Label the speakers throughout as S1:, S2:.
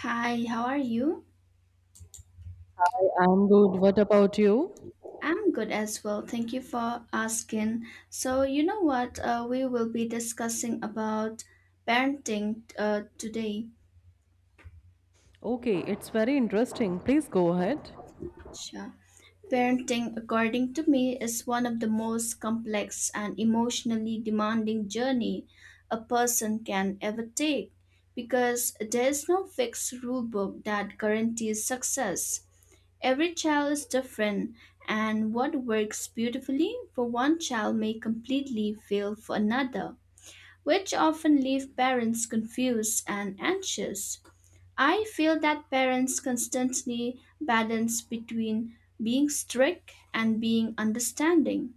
S1: Hi, how are you?
S2: I'm good. What about you?
S1: I'm good as well. Thank you for asking. So, you know what? We will be discussing about parenting today.
S2: Okay, it's very interesting. Please go ahead.
S1: Sure. Parenting, according to me, is one of the most complex and emotionally demanding journey a person can ever take because there is no fixed rule book that guarantees success. Every child is different, and what works beautifully for one child may completely fail for another, which often leave parents confused and anxious. I feel that parents constantly balance between being strict and being understanding,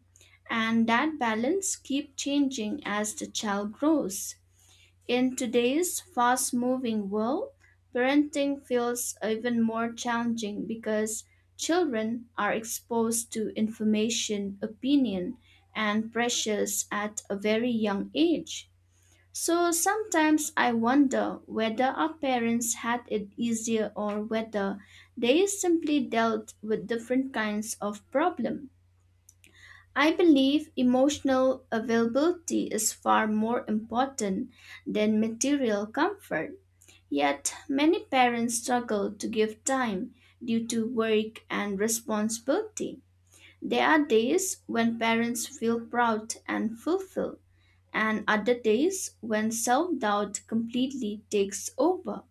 S1: and that balance keeps changing as the child grows. In today's fast moving world, parenting feels even more challenging because children are exposed to information, opinion, and pressures at a very young age. So sometimes I wonder whether our parents had it easier or whether they simply dealt with different kinds of problem. I believe emotional availability is far more important than material comfort. Yet, many parents struggle to give time due to work and responsibility. There are days when parents feel proud and fulfilled, and other days when self doubt completely takes over.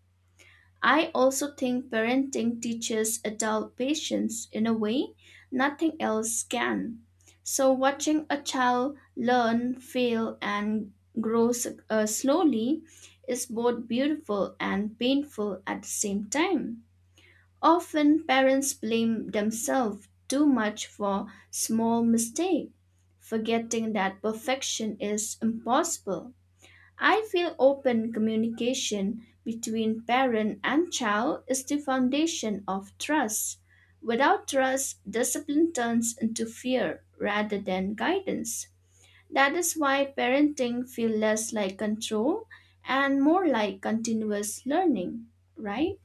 S1: I also think parenting teaches adult patience in a way nothing else can. So, watching a child learn, fail, and grow slowly is both beautiful and painful at the same time. Often, parents blame themselves too much for small mistakes, forgetting that perfection is impossible. I feel open communication between parent and child is the foundation of trust. Without trust, discipline turns into fear rather than guidance. That is why parenting feels less like control and more like continuous learning, right?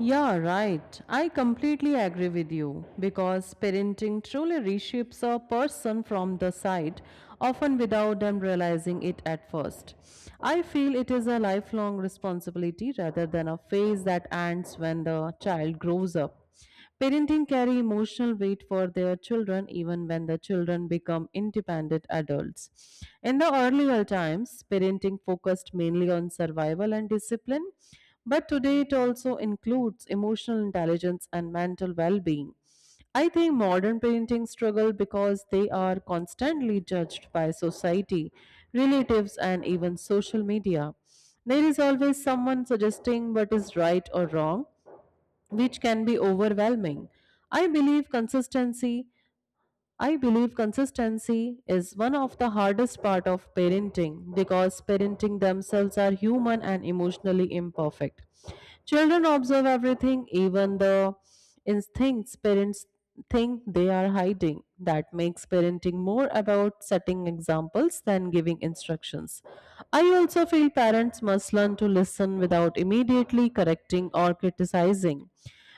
S2: Yeah, right. I completely agree with you because parenting truly reshapes a person from the side, often without them realizing it at first. I feel it is a lifelong responsibility rather than a phase that ends when the child grows up. Parenting carry emotional weight for their children even when the children become independent adults. In the earlier times, parenting focused mainly on survival and discipline, but today it also includes emotional intelligence and mental well being. I think modern paintings struggle because they are constantly judged by society, relatives, and even social media. There is always someone suggesting what is right or wrong, which can be overwhelming. I believe consistency, I believe consistency is one of the hardest part of parenting because parenting themselves are human and emotionally imperfect. Children observe everything, even the instincts parents think they are hiding. That makes parenting more about setting examples than giving instructions. I also feel parents must learn to listen without immediately correcting or criticizing.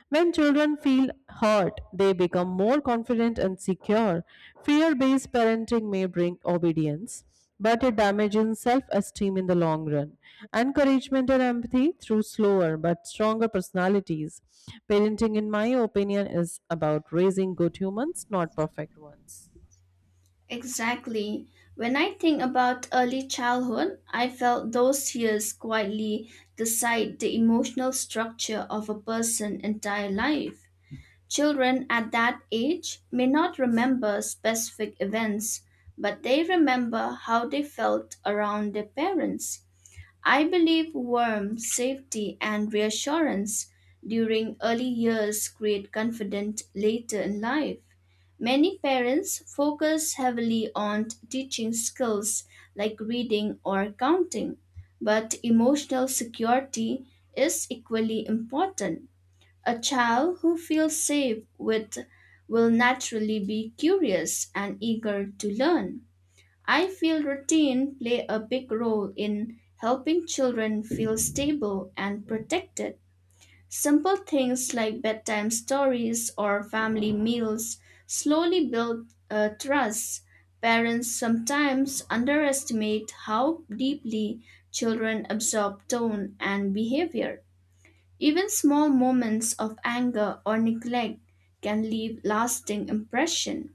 S2: When children feel hurt, they become more confident and secure. Fear based parenting may bring obedience, but it damages self esteem in the long run. Encouragement and empathy through slower but stronger personalities. Parenting, in my opinion, is about raising good humans, not perfect ones.
S1: Exactly. When I think about early childhood, I felt those years quietly decide the emotional structure of a person's entire life. Children at that age may not remember specific events, but they remember how they felt around their parents. I believe warmth, safety, and reassurance during early years create confidence later in life. Many parents focus heavily on teaching skills like reading or counting, but emotional security is equally important. A child who feels safe with will naturally be curious and eager to learn. I feel routine play a big role in helping children feel stable and protected. Simple things like bedtime stories or family meals slowly build trust. Parents sometimes underestimate how deeply children absorb tone and behavior. Even small moments of anger or neglect can leave lasting impression.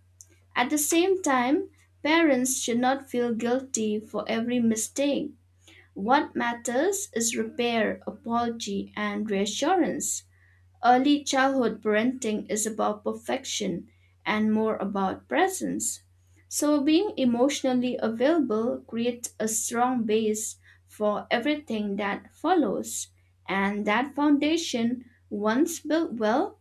S1: At the same time, parents should not feel guilty for every mistake. What matters is repair, apology, and reassurance. Early childhood parenting is about perfection and more about presence. So, being emotionally available creates a strong base for everything that follows. And that foundation, once built well,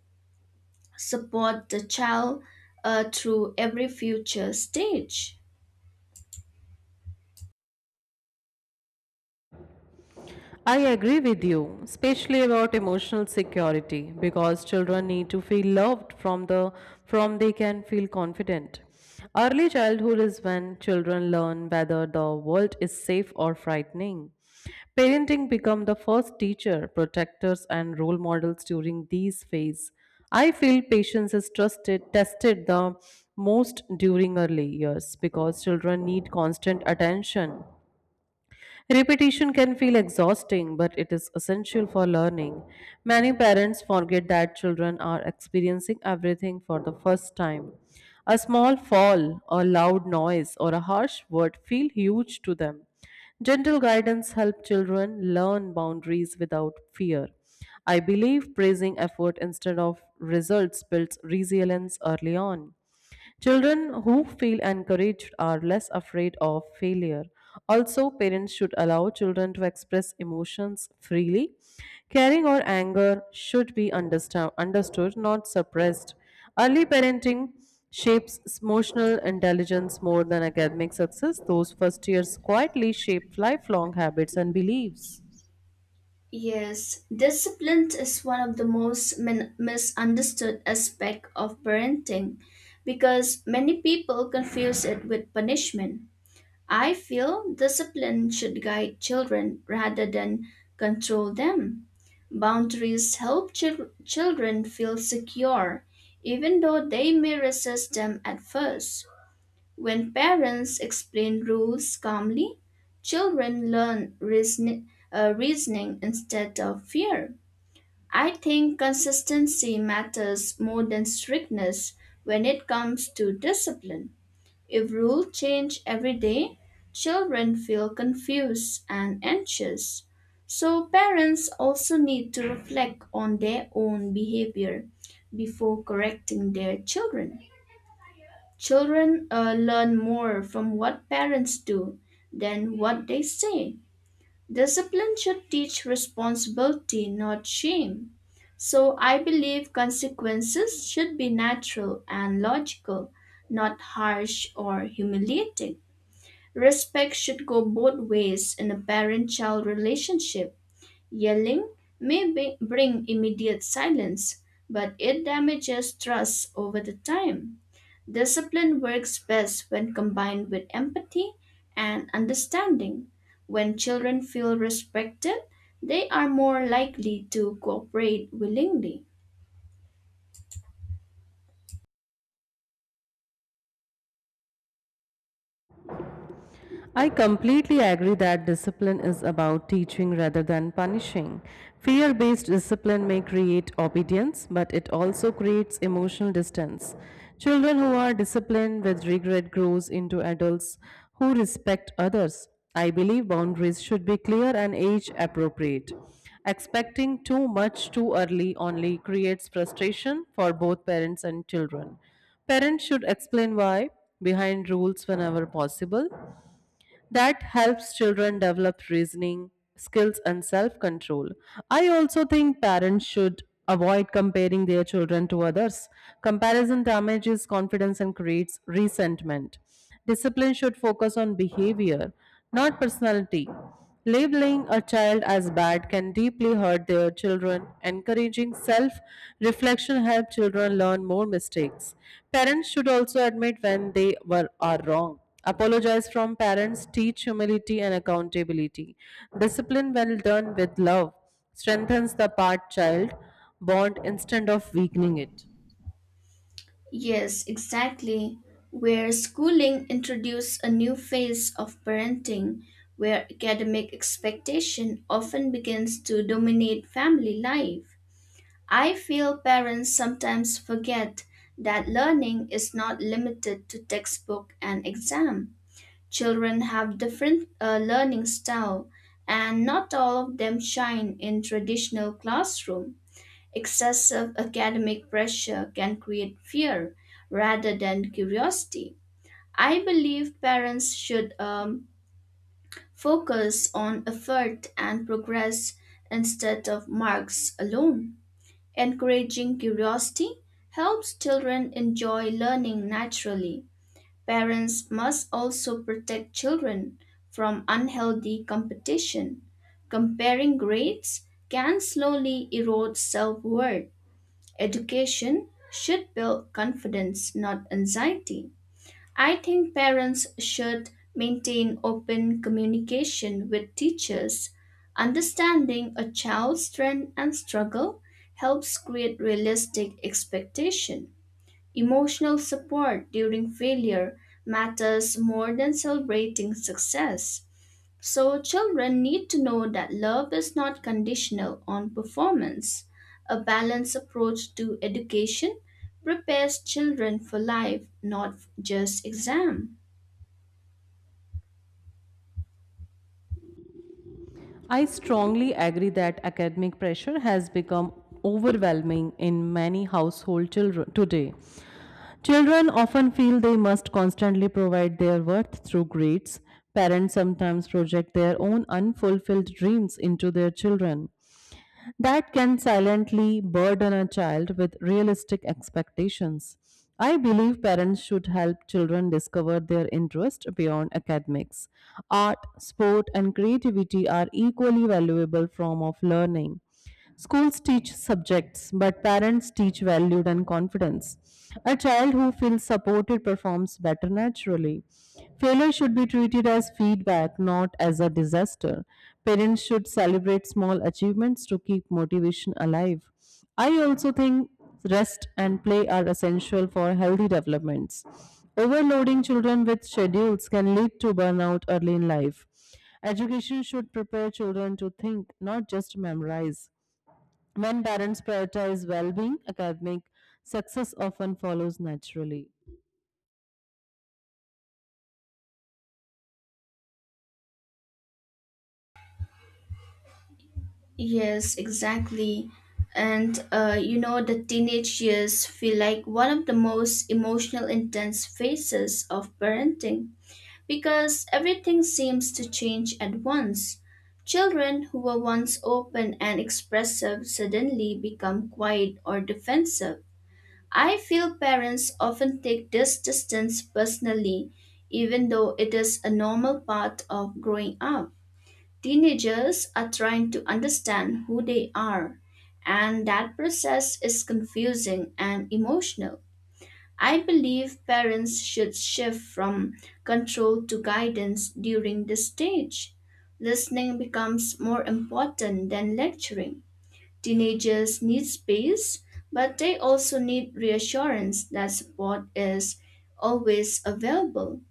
S1: support the child through every future stage.
S2: I agree with you, especially about emotional security, because children need to feel loved from the from they can feel confident. Early childhood is when children learn whether the world is safe or frightening. Parenting become the first teacher, protectors, and role models during these phase. I feel patience is trusted, tested the most during early years because children need constant attention. Repetition can feel exhausting, but it is essential for learning. Many parents forget that children are experiencing everything for the first time. A small fall, a loud noise, or a harsh word feel huge to them. Gentle guidance helps children learn boundaries without fear. I believe praising effort instead of results builds resilience early on. Children who feel encouraged are less afraid of failure. Also, parents should allow children to express emotions freely. Caring or anger should be understood, not suppressed. Early parenting shapes emotional intelligence more than academic success. Those first years quietly shape lifelong habits and beliefs.
S1: Yes, discipline is one of the most misunderstood aspect of parenting because many people confuse it with punishment. I feel discipline should guide children rather than control them. Boundaries help children feel secure even though they may resist them at first. When parents explain rules calmly, children learn reasoning instead of fear. I think consistency matters more than strictness when it comes to discipline. If rules change every day, children feel confused and anxious. So, parents also need to reflect on their own behavior before correcting their children. Children learn more from what parents do than what they say. Discipline should teach responsibility, not shame. So I believe consequences should be natural and logical, not harsh or humiliating. Respect should go both ways in a parent child relationship. Yelling may bring immediate silence, but it damages trust over the time. Discipline works best when combined with empathy and understanding. When children feel respected, they are more likely to cooperate willingly.
S2: I completely agree that discipline is about teaching rather than punishing. Fear based discipline may create obedience, but it also creates emotional distance. Children who are disciplined with regret grows into adults who respect others. I believe boundaries should be clear and age appropriate. Expecting too much too early only creates frustration for both parents and children. Parents should explain why behind rules whenever possible that helps children develop reasoning skills and self-control. I also think parents should avoid comparing their children to others. Comparison damages confidence and creates resentment. Discipline should focus on behavior, not personality. Labeling a child as bad can deeply hurt their children. Encouraging self reflection helps children learn more mistakes. Parents should also admit when they were are wrong. Apologize from parents, teach humility and accountability. Discipline, well done with love, strengthens the part child bond instead of weakening it.
S1: Yes, exactly. Where schooling introduced a new phase of parenting, where academic expectation often begins to dominate family life. I feel parents sometimes forget that learning is not limited to textbook and exam. Children have different learning style and not all of them shine in traditional classroom. Excessive academic pressure can create fear rather than curiosity. I believe parents should focus on effort and progress instead of marks alone. Encouraging curiosity helps children enjoy learning naturally. Parents must also protect children from unhealthy competition. Comparing grades can slowly erode self worth. Education should build confidence, not anxiety. I think parents should maintain open communication with teachers. Understanding a child's strength and struggle helps create realistic expectation. Emotional support during failure matters more than celebrating success. So, children need to know that love is not conditional on performance. A balanced approach to education prepares children for life, not just exam.
S2: I strongly agree that academic pressure has become overwhelming in many household children today. Children often feel they must constantly provide their worth through grades. Parents sometimes project their own unfulfilled dreams into their children. That can silently burden a child with realistic expectations. I believe parents should help children discover their interest beyond academics. Art, sport, and creativity are equally valuable form of learning. Schools teach subjects, but parents teach value and confidence. A child who feels supported performs better naturally. Failure should be treated as feedback, not as a disaster. Parents should celebrate small achievements to keep motivation alive. I also think rest and play are essential for healthy developments. Overloading children with schedules can lead to burnout early in life. Education should prepare children to think, not just memorize. When parents prioritize well being, academic success often follows naturally.
S1: Yes, exactly. And the teenage years feel like one of the most emotional intense phases of parenting, because everything seems to change at once. Children who were once open and expressive suddenly become quiet or defensive. I feel parents often take this distance personally, even though it is a normal part of growing up. Teenagers are trying to understand who they are, and that process is confusing and emotional. I believe parents should shift from control to guidance during this stage. Listening becomes more important than lecturing. Teenagers need space, but they also need reassurance that support is always available.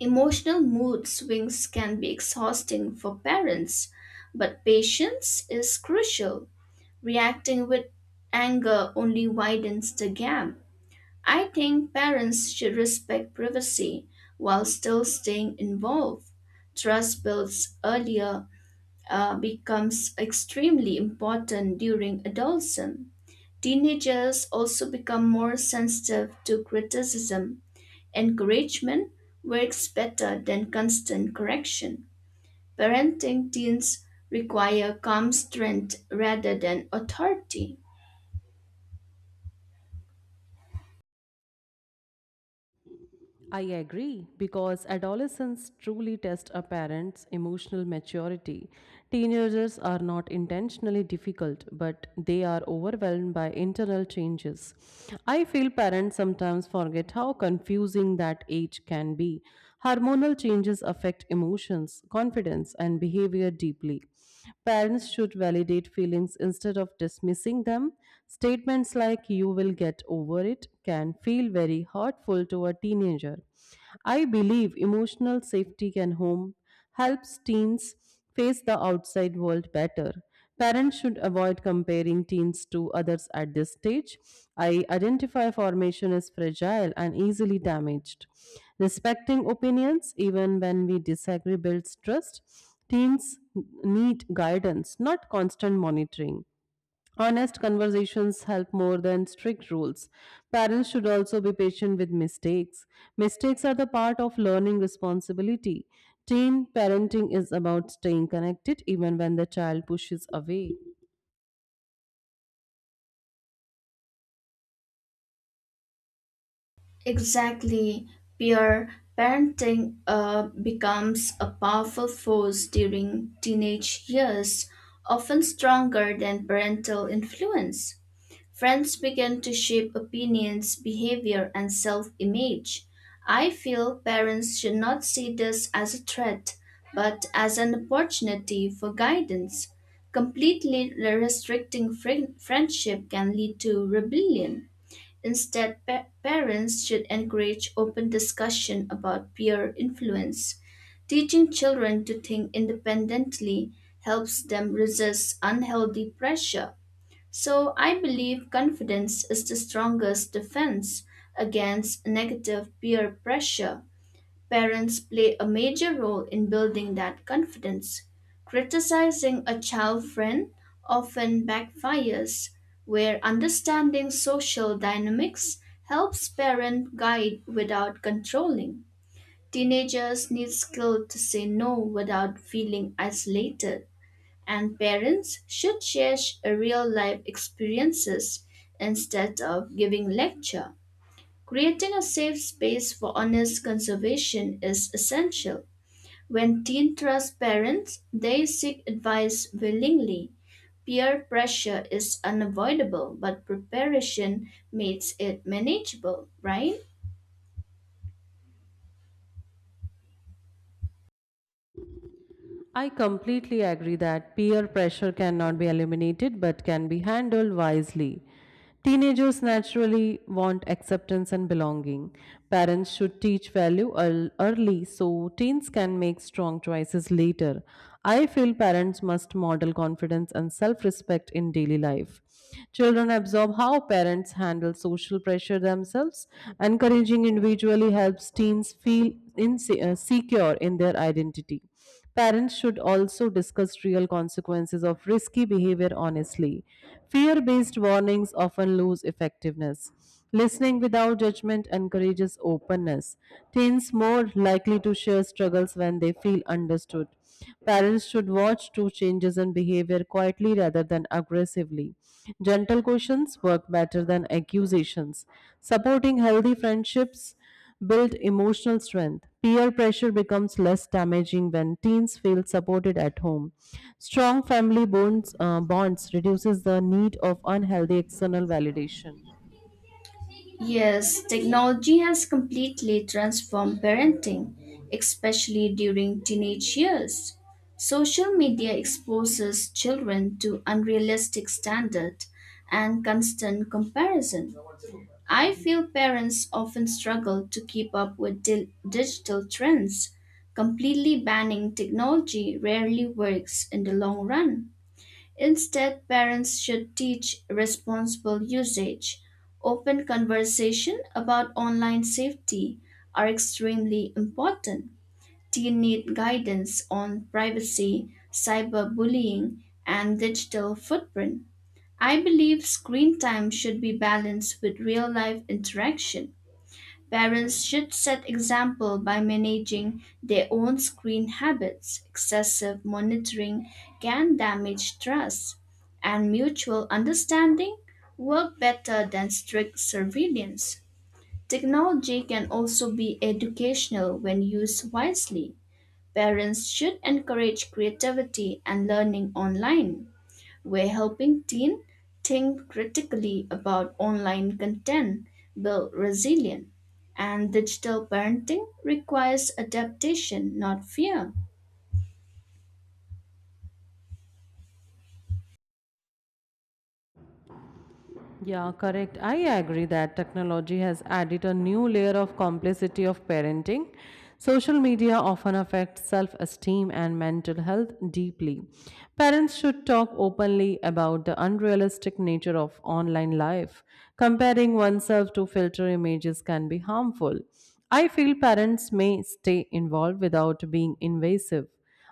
S1: Emotional mood swings can be exhausting for parents, but patience is crucial. Reacting with anger only widens the gap. I think parents should respect privacy while still staying involved. Trust built earlier becomes extremely important during adolescence. Teenagers also become more sensitive to criticism. Encouragement works better than constant correction. Parenting teens require calm strength rather than authority.
S2: I agree because adolescents truly test a parent's emotional maturity. Teenagers are not intentionally difficult, but they are overwhelmed by internal changes. I feel parents sometimes forget how confusing that age can be. Hormonal changes affect emotions, confidence, and behavior deeply. Parents should validate feelings instead of dismissing them. Statements like, "You will get over it" can feel very hurtful to a teenager. I believe emotional safety can home helps teens face the outside world better. Parents should avoid comparing teens to others at this stage. I identify formation as fragile and easily damaged. Respecting opinions, even when we disagree, builds trust. Teens need guidance, not constant monitoring. Honest conversations help more than strict rules. Parents should also be patient with mistakes. Mistakes are the part of learning responsibility. Teen parenting is about staying connected even when the child pushes away.
S1: Exactly. Peer parenting becomes a powerful force during teenage years, often stronger than parental influence. Friends begin to shape opinions, behavior, and self image. I feel parents should not see this as a threat, but as an opportunity for guidance. Completely restricting friendship can lead to rebellion. Instead, parents should encourage open discussion about peer influence. Teaching children to think independently helps them resist unhealthy pressure. So, I believe confidence is the strongest defense against negative peer pressure. Parents play a major role in building that confidence. Criticizing a child friend often backfires, where understanding social dynamics helps parent guide without controlling. Teenagers need skill to say no without feeling isolated, and parents should share real life experiences instead of giving lecture. Creating a safe space for honest conservation is essential. When teens trust parents, they seek advice willingly. Peer pressure is unavoidable, but preparation makes it manageable, right?
S2: I completely agree that peer pressure cannot be eliminated but can be handled wisely. Teenagers naturally want acceptance and belonging. Parents should teach value early so teens can make strong choices later. I feel parents must model confidence and self respect in daily life. Children absorb how parents handle social pressure themselves. Encouraging individually helps teens feel secure in their identity. Parents should also discuss real consequences of risky behavior honestly. Fear based warnings often lose effectiveness. Listening without judgment encourages openness. Teens more likely to share struggles when they feel understood. Parents should watch two changes in behavior quietly rather than aggressively. Gentle questions work better than accusations. Supporting healthy friendships build emotional strength. Peer pressure becomes less damaging when teens feel supported at home. Strong family bonds reduces the need of unhealthy external validation.
S1: Yes, technology has completely transformed parenting, especially during teenage years. Social media exposes children to unrealistic standards and constant comparison. I feel parents often struggle to keep up with digital trends. Completely banning technology rarely works in the long run. Instead, parents should teach responsible usage. Open conversation about online safety are extremely important. Do you need guidance on privacy, cyberbullying, and digital footprint? I believe screen time should be balanced with real life interaction. Parents should set example by managing their own screen habits. Excessive monitoring can damage trust, and mutual understanding work better than strict surveillance. Technology can also be educational when used wisely. Parents should encourage creativity and learning online. We're helping teens think critically about online content, build resilience, and digital parenting requires adaptation, not fear.
S2: Yeah, correct. I agree that technology has added a new layer of complexity of parenting. Social media often affects self esteem and mental health deeply. Parents should talk openly about the unrealistic nature of online life. Comparing oneself to filter images can be harmful. I feel parents may stay involved without being invasive.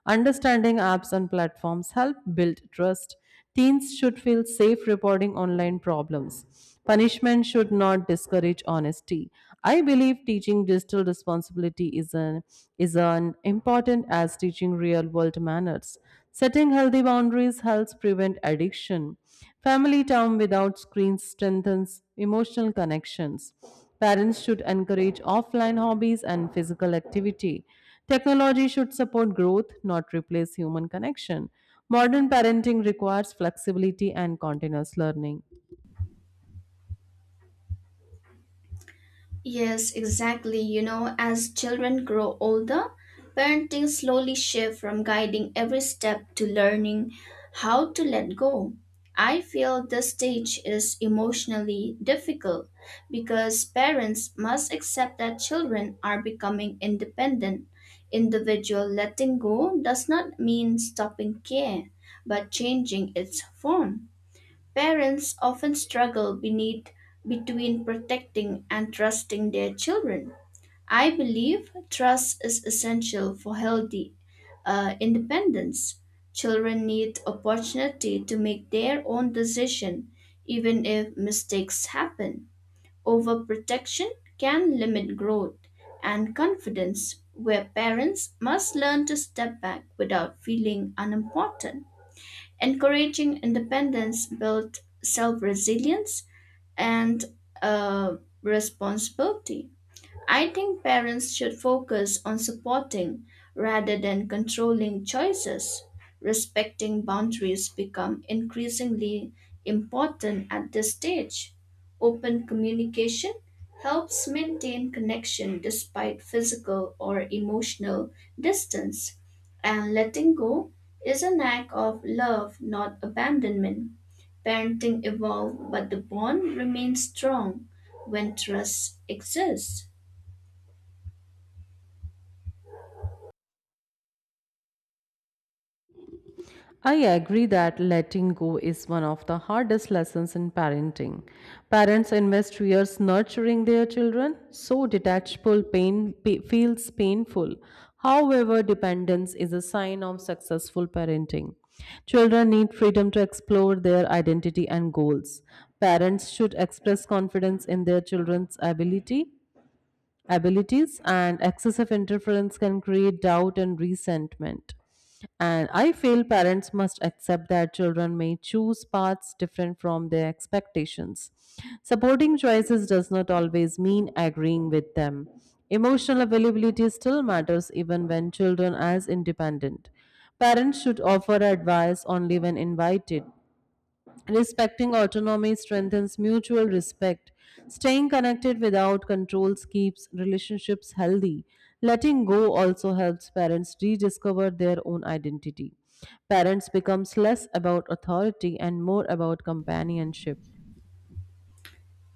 S2: Understanding apps and platforms help build trust. Teens should feel safe reporting online problems. Punishment should not discourage honesty. I believe teaching digital responsibility is an important as teaching real world manners. Setting healthy boundaries helps prevent addiction. Family time without screens strengthens emotional connections. Parents should encourage offline hobbies and physical activity. Technology should support growth, not replace human connection. Modern parenting requires flexibility and continuous learning.
S1: Yes, exactly. As children grow older, parenting slowly shifts from guiding every step to learning how to let go. I feel this stage is emotionally difficult because parents must accept that children are becoming independent. Individual letting go does not mean stopping care, but changing its form. Parents often struggle beneath, between protecting and trusting their children. I believe trust is essential for healthy independence. Children need opportunity to make their own decision, even if mistakes happen. Overprotection can limit growth and confidence, where parents must learn to step back without feeling unimportant. Encouraging independence builds self resilience and uh, responsibility. I think parents should focus on supporting rather than controlling choices. Respecting boundaries become increasingly important at this stage. Open communication helps maintain connection despite physical or emotional distance, and letting go is an act of love, not abandonment. Parenting evolves, but the bond remains strong when trust exists.
S2: I agree that letting go is one of the hardest lessons in parenting. Parents invest years nurturing their children, so feels painful. However, dependence is a sign of successful parenting. Children need freedom to explore their identity and goals. Parents should express confidence in their children's ability abilities, and excessive interference can create doubt and resentment. And I feel parents must accept that children may choose paths different from their expectations. Supporting choices does not always mean agreeing with them. Emotional availability still matters even when children are independent. Parents should offer advice only when invited. Respecting autonomy strengthens mutual respect. Staying connected without controls keeps relationships healthy. Letting go also helps parents rediscover their own identity. Parents becomes less about authority and more about companionship.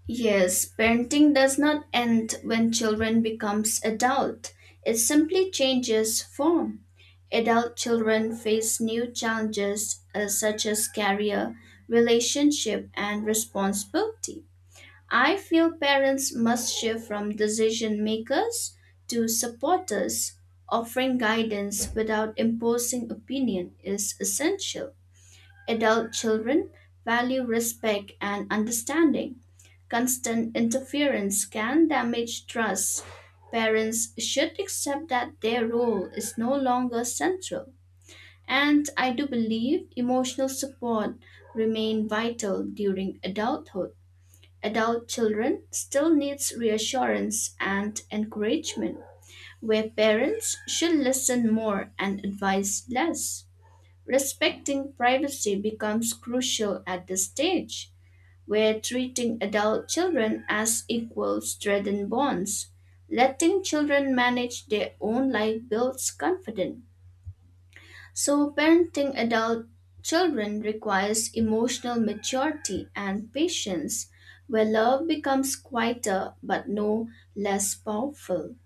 S1: Yes, parenting does not end when children becomes adult. It simply changes form. Adult children face new challenges such as career, relationship, and responsibility. I feel parents must shift from decision makers to supporters. Offering guidance without imposing opinion is essential. Adult children value respect and understanding. Constant interference can damage trust. Parents should accept that their role is no longer central. And I do believe emotional support remain vital during adulthood. Adult children still needs reassurance and encouragement, where parents should listen more and advise less. Respecting privacy becomes crucial at this stage, where treating adult children as equals strengthens bonds. Letting children manage their own life builds confidence. So, parenting adult children requires emotional maturity and patience, where love becomes quieter but no less powerful.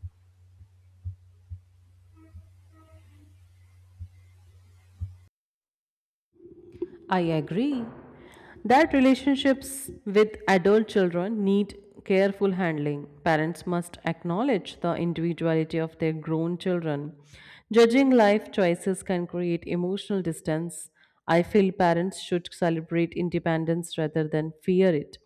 S2: I agree that relationships with adult children need careful handling. Parents must acknowledge the individuality of their grown children. Judging life choices can create emotional distance. I feel parents should celebrate independence rather than fear it.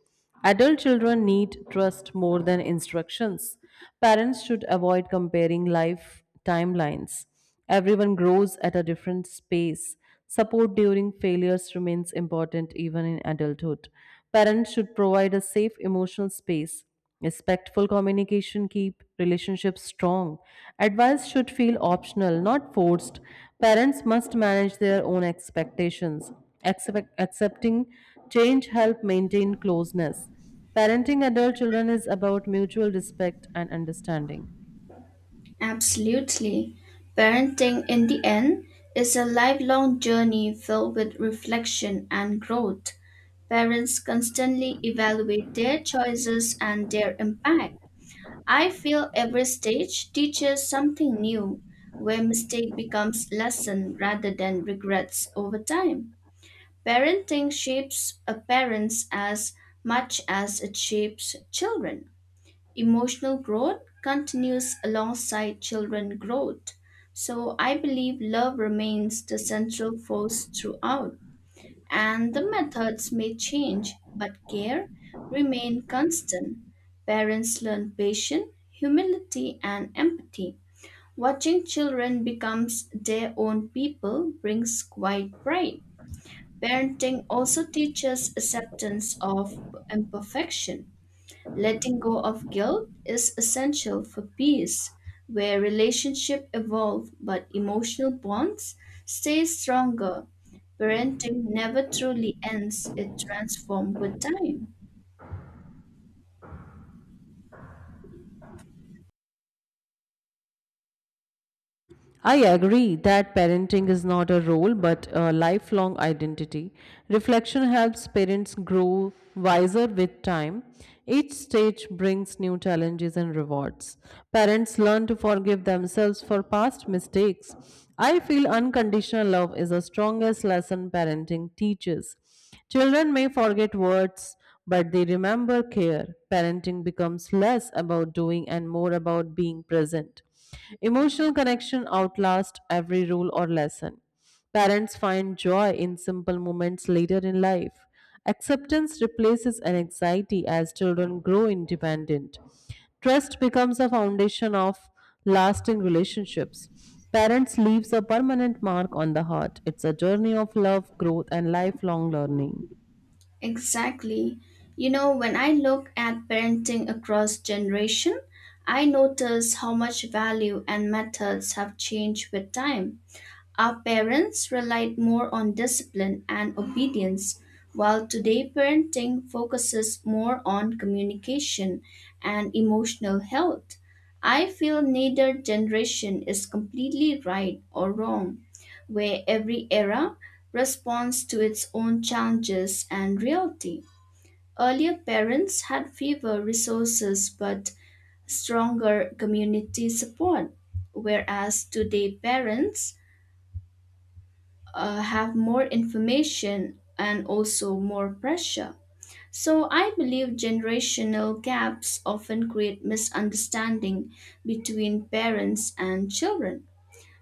S2: Adult children need trust more than instructions. Parents should avoid comparing life timelines. Everyone grows at a different pace. Support during failures remains important even in adulthood. Parents should provide a safe emotional space. Respectful communication keep relationships strong. Advice should feel optional, not forced. Parents must manage their own expectations. Accepting change help maintain closeness. Parenting adult children is about mutual respect and understanding.
S1: Absolutely. Parenting, in the end, is a lifelong journey filled with reflection and growth. Parents constantly evaluate their choices and their impact. I feel every stage teaches something new, where mistake becomes lesson rather than regrets over time. Parenting shapes a parents as much as it shapes children. Emotional growth continues alongside children growth. So I believe love remains the central force throughout, and the methods may change but care remain constant. Parents learn patience, humility and empathy. Watching children becomes their own people brings quite pride. Parenting also teaches acceptance of imperfection. Letting go of guilt is essential for peace, where relationships evolve but emotional bonds stay stronger. Parenting never truly ends, it transforms with time.
S2: I agree that parenting is not a role but a lifelong identity. Reflection helps parents grow wiser with time. Each stage brings new challenges and rewards. Parents learn to forgive themselves for past mistakes. I feel unconditional love is the strongest lesson parenting teaches. Children may forget words, but they remember care. Parenting becomes less about doing and more about being present. Emotional connection outlasts every rule or lesson. Parents find joy in simple moments later in life. Acceptance replaces an anxiety as children grow independent. Trust becomes a foundation of lasting relationships. Parents leaves a permanent mark on the heart. It's a journey of love, growth, and lifelong learning.
S1: Exactly. When I look at parenting across generation, I notice how much value and methods have changed with time. Our parents relied more on discipline and obedience, while today parenting focuses more on communication and emotional health. I feel neither generation is completely right or wrong, where every era responds to its own challenges and reality. Earlier parents had fewer resources but stronger community support, whereas today parents have more information and also more pressure. So I believe generational gaps often create misunderstanding between parents and children.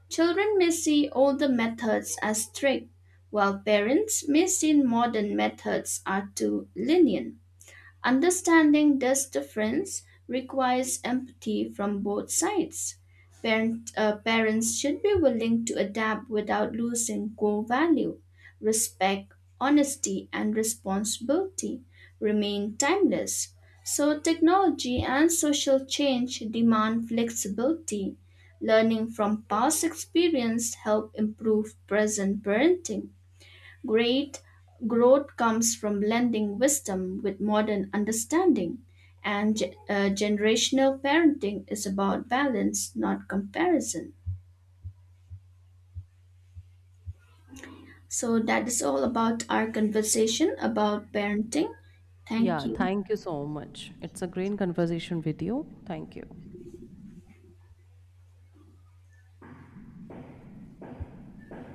S1: Children may see older methods as strict, while parents may see modern methods are too lenient. Understanding this difference requires empathy from both sides. Parents should be willing to adapt without losing core value. Respect, honesty, and responsibility remain timeless. So, technology and social change demand flexibility. Learning from past experience help improve present parenting. Great growth comes from blending wisdom with modern understanding, and generational parenting is about balance, not comparison. So, that is all about our conversation about parenting. Thank
S2: Yeah,
S1: you.
S2: thank you so much. It's a great conversation with you. Thank you.